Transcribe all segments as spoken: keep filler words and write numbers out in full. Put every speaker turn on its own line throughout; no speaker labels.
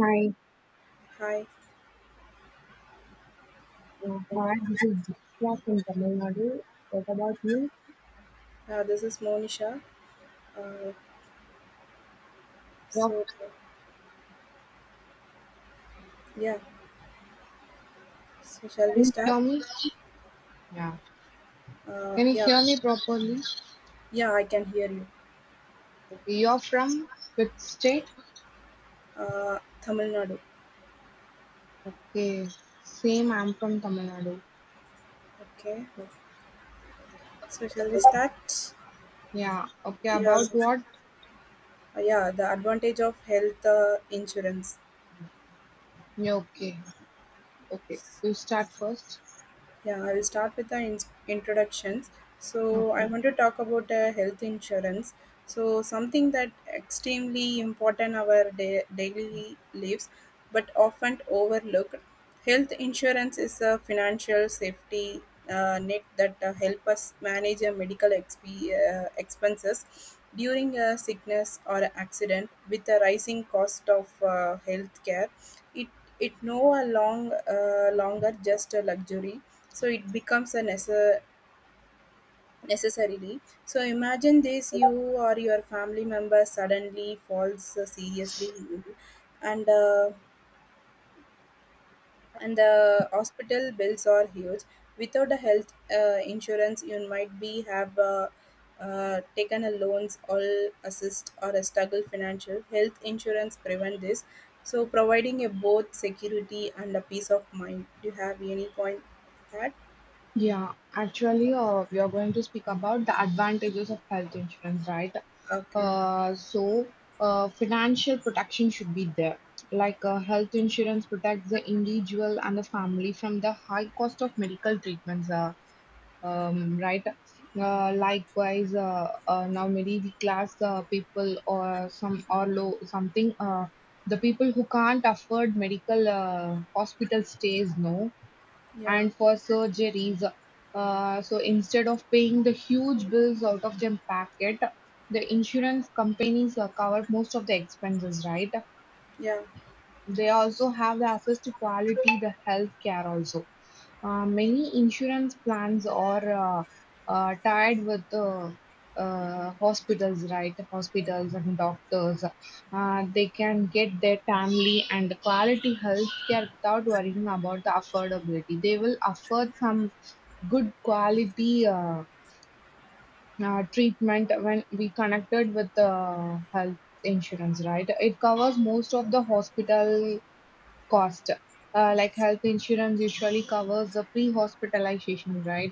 Hi,
Hi,
uh, hi. This is Dishra from Tamil Nadu. What about you?
uh, this is Monisha. Uh,
You're,
so, yeah, so shall we
can you
start?
hear me?
Uh,
Can you
yeah,
hear me properly?
yeah, I can hear you.
Okay, you're from which state?
Uh, Tamil Nadu.
Okay, same. I'm from Tamil Nadu.
Okay, so shall we start?
Yeah. Okay.
Yeah,
About what?
uh, yeah. The advantage of health uh, insurance.
Yeah, okay. Okay. You start first.
Yeah, I will start with the in- introductions. So, I want to talk about uh, health insurance. So, something that extremely important our da- daily lives, but often overlooked. Health insurance is a financial safety uh, net that uh, help us manage our medical exp- uh, expenses during a sickness or accident. With the rising cost of uh, health care, it it no a long, uh, longer just a luxury, so it becomes a necessary. Necessarily. So imagine this, you or your family member suddenly falls uh, seriously ill and uh, and the hospital bills are huge. Without a health uh, insurance, you might be have uh, uh, taken a loans or assist or a struggle financial. Health insurance prevent this, so providing a both security and a peace of mind. Do you have any point that?
Yeah, actually, uh, we are going to speak about the advantages of health insurance, right?
Okay,
Uh, so, uh, financial protection should be there. Like, uh, health insurance protects the individual and the family from the high cost of medical treatments, uh, um, right? Uh, likewise, uh, uh, now middle class uh, people or some or low something, uh, the people who can't afford medical uh, hospital stays, no
yeah,
and for surgeries. Uh, so instead of paying the huge bills out of their pocket, the insurance companies uh, cover most of the expenses, right?
yeah.
They also have the access to quality the health care also. uh, many insurance plans are uh, uh, tied with uh, uh, hospitals, right? Hospitals and doctors. Uh, they can get their timely and quality health care without worrying about the affordability. They will afford some good quality uh, uh, treatment when we connected with the health insurance, right? It covers most of the hospital cost. Uh, like health insurance usually covers the pre-hospitalization, right?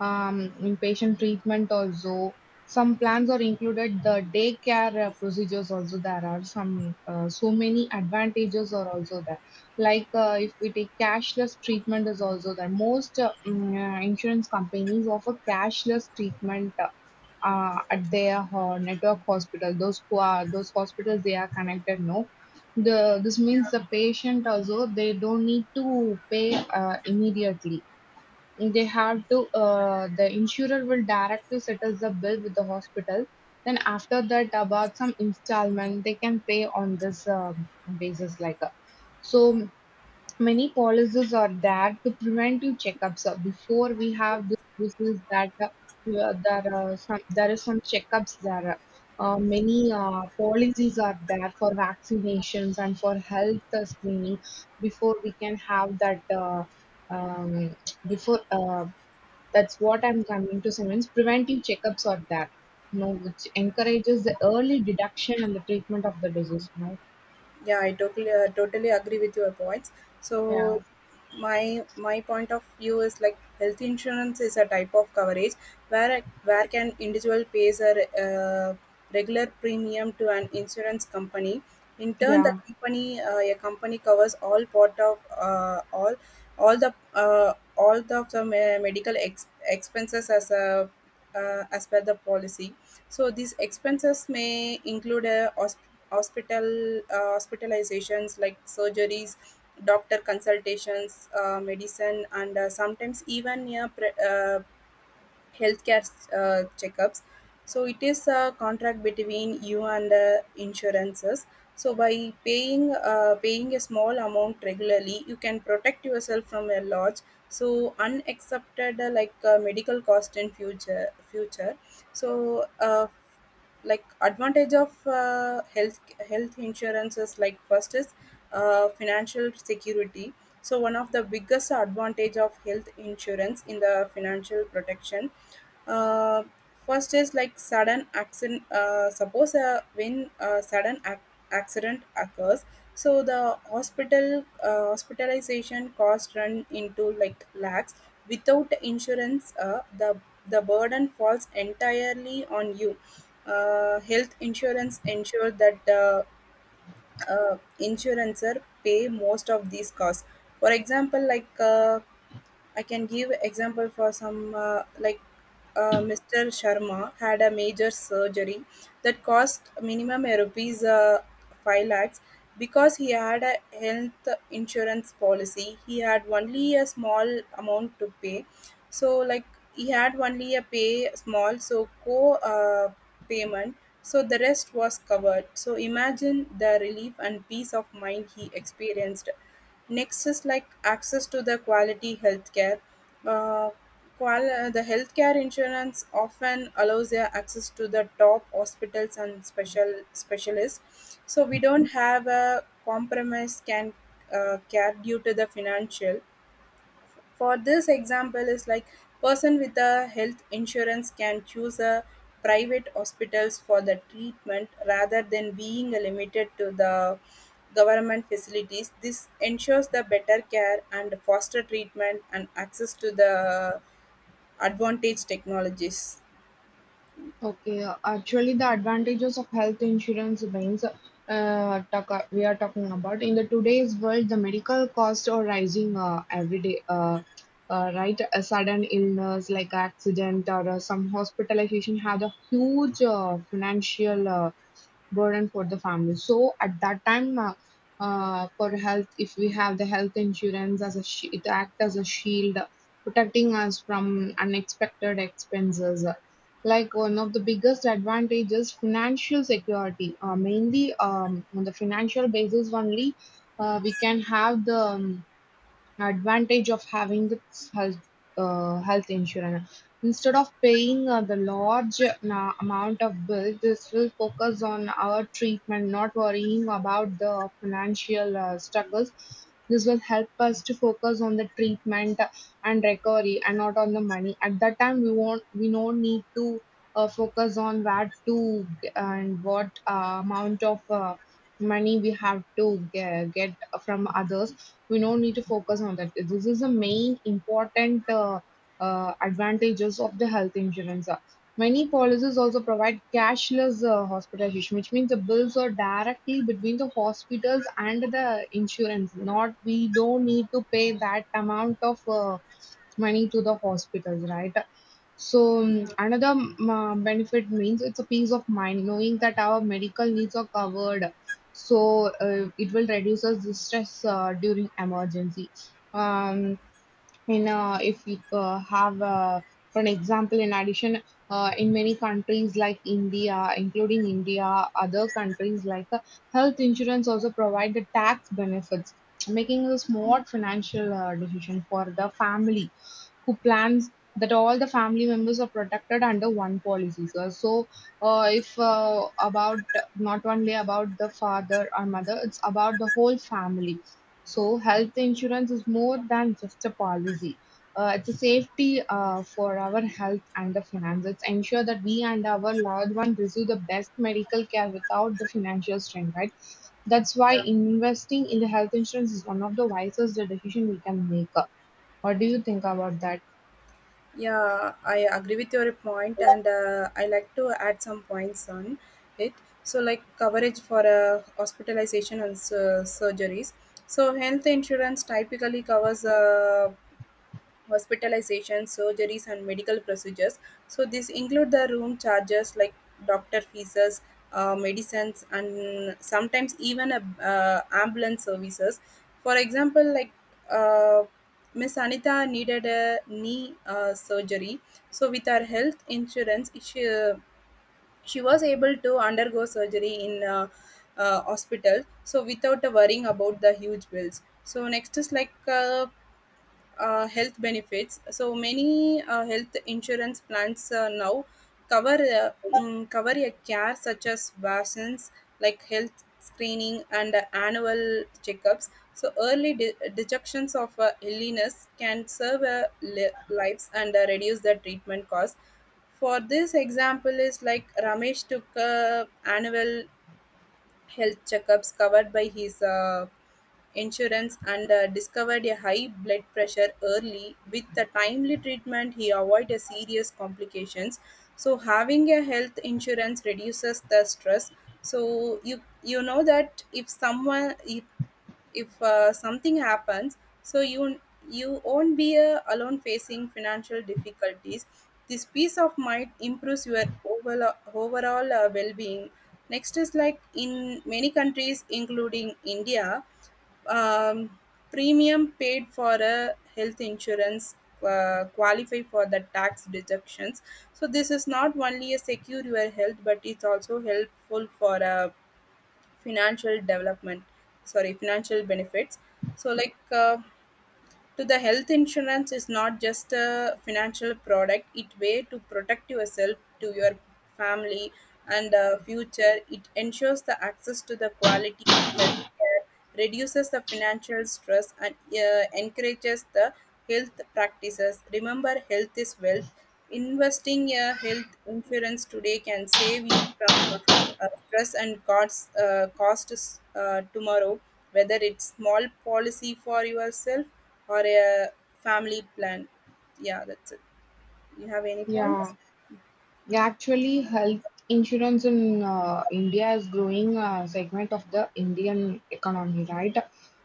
Um, inpatient treatment also. Some plans are included the daycare uh, procedures also. There are some uh, so many advantages are also there. Like uh, if we take cashless treatment is also there. Most uh, mm, uh, insurance companies offer cashless treatment. Uh, uh, at their uh, network hospital, those who are those hospitals they are connected, no the this means the patient also they don't need to pay uh, immediately. They have to uh, the insurer will direct to settle the bill with the hospital. Then after that, about some installment they can pay on this um basis like. Uh, so many policies are there to preventive checkups. Uh, Before we have this disease, that uh, yeah, there are some there is some checkups there. Uh, many uh, policies are there for vaccinations and for health uh, screening before we can have that. Uh, um, before uh, that's what I'm coming to say. Means preventive checkups are there, you know, which encourages the early detection and the treatment of the disease. You know?
Yeah, I totally uh, totally agree with your points. So
Yeah.
my my point of view is like health insurance is a type of coverage where where can individual pays a re- uh, regular premium to an insurance company. In turn, the
Yeah.
company uh, a company covers all part of uh, all all the uh, all the, the medical ex- expenses as a uh, as per the policy. So these expenses may include uh, hosp- hospital uh, hospitalizations like surgeries, doctor consultations, uh, medicine, and uh, sometimes even yeah, pre- uh, healthcare uh, checkups. So it is a contract between you and uh, insurances. So by paying uh, paying a small amount regularly, you can protect yourself from a large so unaccepted uh, like uh, medical cost in future future so uh, like advantage of uh, health health insurances. Like, first is uh, financial security. So one of the biggest advantage of health insurance in the financial protection, uh, first is like sudden accident. Uh, suppose uh, when a sudden ac- accident occurs, so the hospital uh, hospitalization cost run into like lakhs without insurance. Uh, the the burden falls entirely on you. Uh, health insurance ensure that the uh, insurancer pay most of these costs. For example, like uh, I can give example for some uh, like uh, mister Sharma had a major surgery that cost minimum rupees uh, five lakhs. Because he had a health insurance policy, he had only a small amount to pay. So like he had only a pay small so co uh, payment. So the rest was covered. So imagine the relief and peace of mind he experienced. Next is like access to the quality healthcare. Uh, qual- uh, the healthcare insurance often allows their access to the top hospitals and special specialists. So we don't have a compromise can uh, care due to the financial. For this example is like person with a health insurance can choose a private hospitals for the treatment rather than being limited to the government facilities. This ensures the better care and faster treatment and access to the advantage technologies.
Okay, uh, actually, the advantages of health insurance means uh, talk, we are talking about in the today's world, the medical costs are rising uh, every day. Uh, uh, right, a sudden illness like accident or uh, some hospitalization has a huge uh, financial uh, burden for the family. So at that time, uh, uh, for health, if we have the health insurance as a sh- it act as a shield, protecting us from unexpected expenses. Like one of the biggest advantages, financial security. Uh, mainly um, on the financial basis only, uh, we can have the um, advantage of having this health uh, health insurance. Instead of paying uh, the large na- amount of bills, this will focus on our treatment, not worrying about the financial uh, struggles. This will help us to focus on the treatment and recovery, and not on the money. At that time, we won't we don't need to uh, focus on where to g- and what uh, amount of uh, money we have to ge- get from others we don't need to focus on that. This is the main important uh, uh, advantages of the health insurance. Uh, Many policies also provide cashless uh, hospitalization, which means the bills are directly between the hospitals and the insurance. Not we don't need to pay that amount of uh, money to the hospitals, right? So mm,
Yeah.
another mm, uh, benefit means it's a peace of mind knowing that our medical needs are covered. So uh, it will reduce us the stress uh, during emergency. Um, in uh, if you uh, have uh, for an example, in addition, uh, in many countries like India, including India, other countries like uh, health insurance also provide the tax benefits, making this more financial uh, decision for the family who plans that all the family members are protected under one policy, sir. So, uh, if uh, about not only about the father or mother, it's about the whole family. So, health insurance is more than just a policy. Uh, it's a safety uh, for our health and the finances. It's ensure that we and our loved one receive the best medical care without the financial strain, right? That's why investing in the health insurance is one of the wisest decision we can make. Uh, What do you think about that?
Yeah, I agree with your point, and uh, I like to add some points on it. So, like coverage for uh, hospitalization and uh, surgeries. So, health insurance typically covers uh, hospitalization, surgeries, and medical procedures. So this include the room charges like doctor fees, uh, medicines, and sometimes even a, uh, ambulance services. For example, like uh, Miss Anita needed a knee uh, surgery, so with her health insurance, she she was able to undergo surgery in. Uh, uh, hospital so without worrying about the huge bills. So next is like uh, uh, health benefits. So many uh, health insurance plans uh, now cover uh, mm, cover a care such as vaccines, like health screening and uh, annual checkups. So early de- detections of uh, illness can serve uh, li- lives and uh, reduce the treatment cost. For this example is like Ramesh took a annual health checkups covered by his uh, insurance and uh, discovered a high blood pressure early. With the timely treatment, he avoided serious complications. So having a health insurance reduces the stress. So you you know that if someone if if uh, something happens, so you you won't be uh, alone facing financial difficulties. This peace of mind improves your overall, overall uh, well-being. Next is like in many countries including India, um, premium paid for a health insurance uh, qualify for the tax deductions. So this is not only a secure your health, but it's also helpful for a financial development, sorry financial benefits. So like uh, to the health insurance is not just a financial product, it way to protect yourself to your family and uh, future. It ensures the access to the quality health care, reduces the financial stress, and uh, encourages the health practices. Remember, health is wealth. Investing a health insurance today can save you from uh, stress and costs uh, costs uh, tomorrow, whether it's small policy for yourself or a family plan. Yeah, that's it. You have any points?
Yeah, yeah, actually, health insurance in uh, India is growing uh, segment of the Indian economy, right?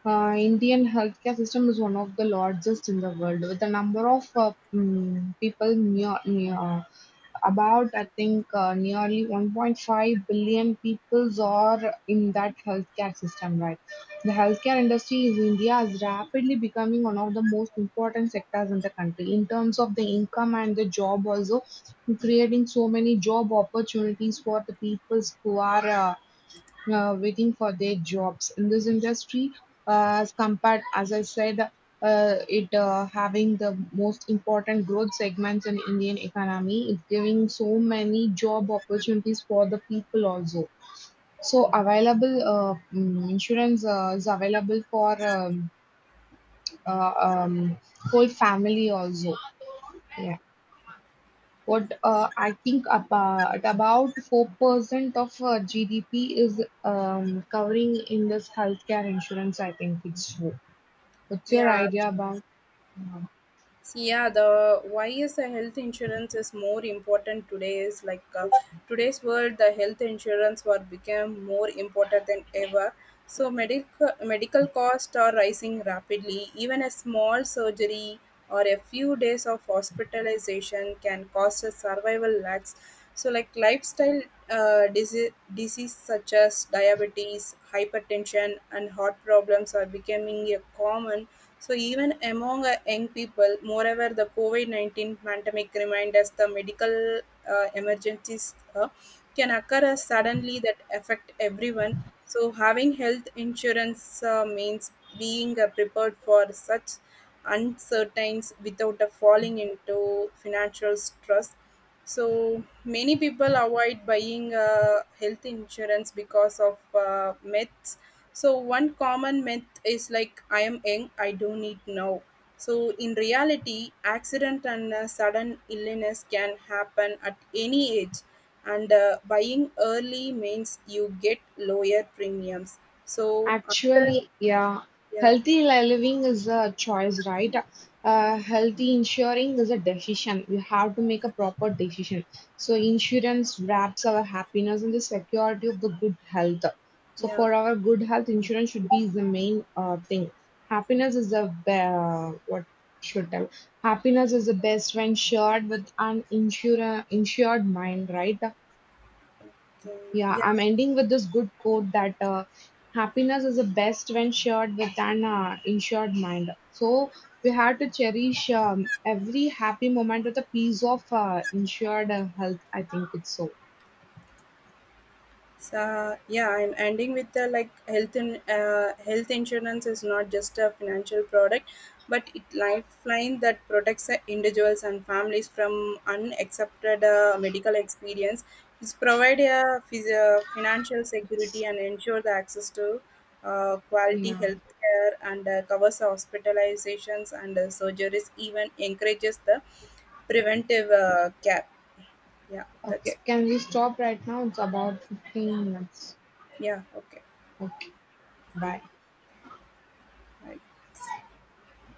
Uh, Indian healthcare system is one of the largest in the world, with the number of uh, mm, people near, near uh, about, I think, uh, nearly one point five billion peoples are in that healthcare system, right? The healthcare industry in India is rapidly becoming one of the most important sectors in the country in terms of the income and the job also, creating so many job opportunities for the peoples who are uh, uh, waiting for their jobs in this industry. uh, as compared as I said, uh, it uh, having the most important growth segments in Indian economy, it's giving so many job opportunities for the people also. So available uh, mm, insurance uh, is available for um, uh, um, whole family also. Yeah. What uh, I think about about four percent of uh, G D P is um, covering in this healthcare insurance. I think it's true. What's your
Yeah.
idea about?
Yeah, the why is the health insurance is more important today is like uh, today's world the health insurance were become more important than ever. So medical medical costs are rising rapidly. Even a small surgery or a few days of hospitalization can cost a survival lakhs. So like lifestyle uh, disease, disease such as diabetes, hypertension and heart problems are becoming a common, so even among uh, young people. Moreover, the covid nineteen pandemic reminds us the medical uh, emergencies uh, can occur as suddenly that affect everyone. So having health insurance uh, means being uh, prepared for such uncertainties without uh, falling into financial stress. So many people avoid buying uh, health insurance because of uh, myths. So one common myth is like, I am young, I don't need now. So in reality, accident and uh, sudden illness can happen at any age, and uh, buying early means you get lower premiums. So after
Actually, yeah,
yeah,
healthy li- living is a choice, right? Uh, healthy insuring is a decision. We have to make a proper decision. So, insurance wraps our happiness and the security of the good health. So,
yeah,
for our good health, insurance should be the main uh, thing. Happiness is the be- uh, what should tell. Happiness is the best when shared with an insure- insured mind, right?
okay.
Yeah,
Yeah.
I'm ending with this good quote that uh, happiness is the best when shared with an uh, insured mind. So we have to cherish um, every happy moment with a piece of uh, insured uh, health. I think it's so.
So yeah, I'm ending with the like health in, uh, health insurance is not just a financial product, but it lifeline that protects uh, individuals and families from unaccepted uh, medical experience. It's provide a physio- financial security and ensure the access to uh, quality
Yeah.
health care and uh, covers hospitalizations and uh, surgeries. Even encourages the preventive uh, care. Yeah,
Okay.
that's
Can we stop right now? It's about fifteen minutes.
yeah, okay.
Okay. Bye.
I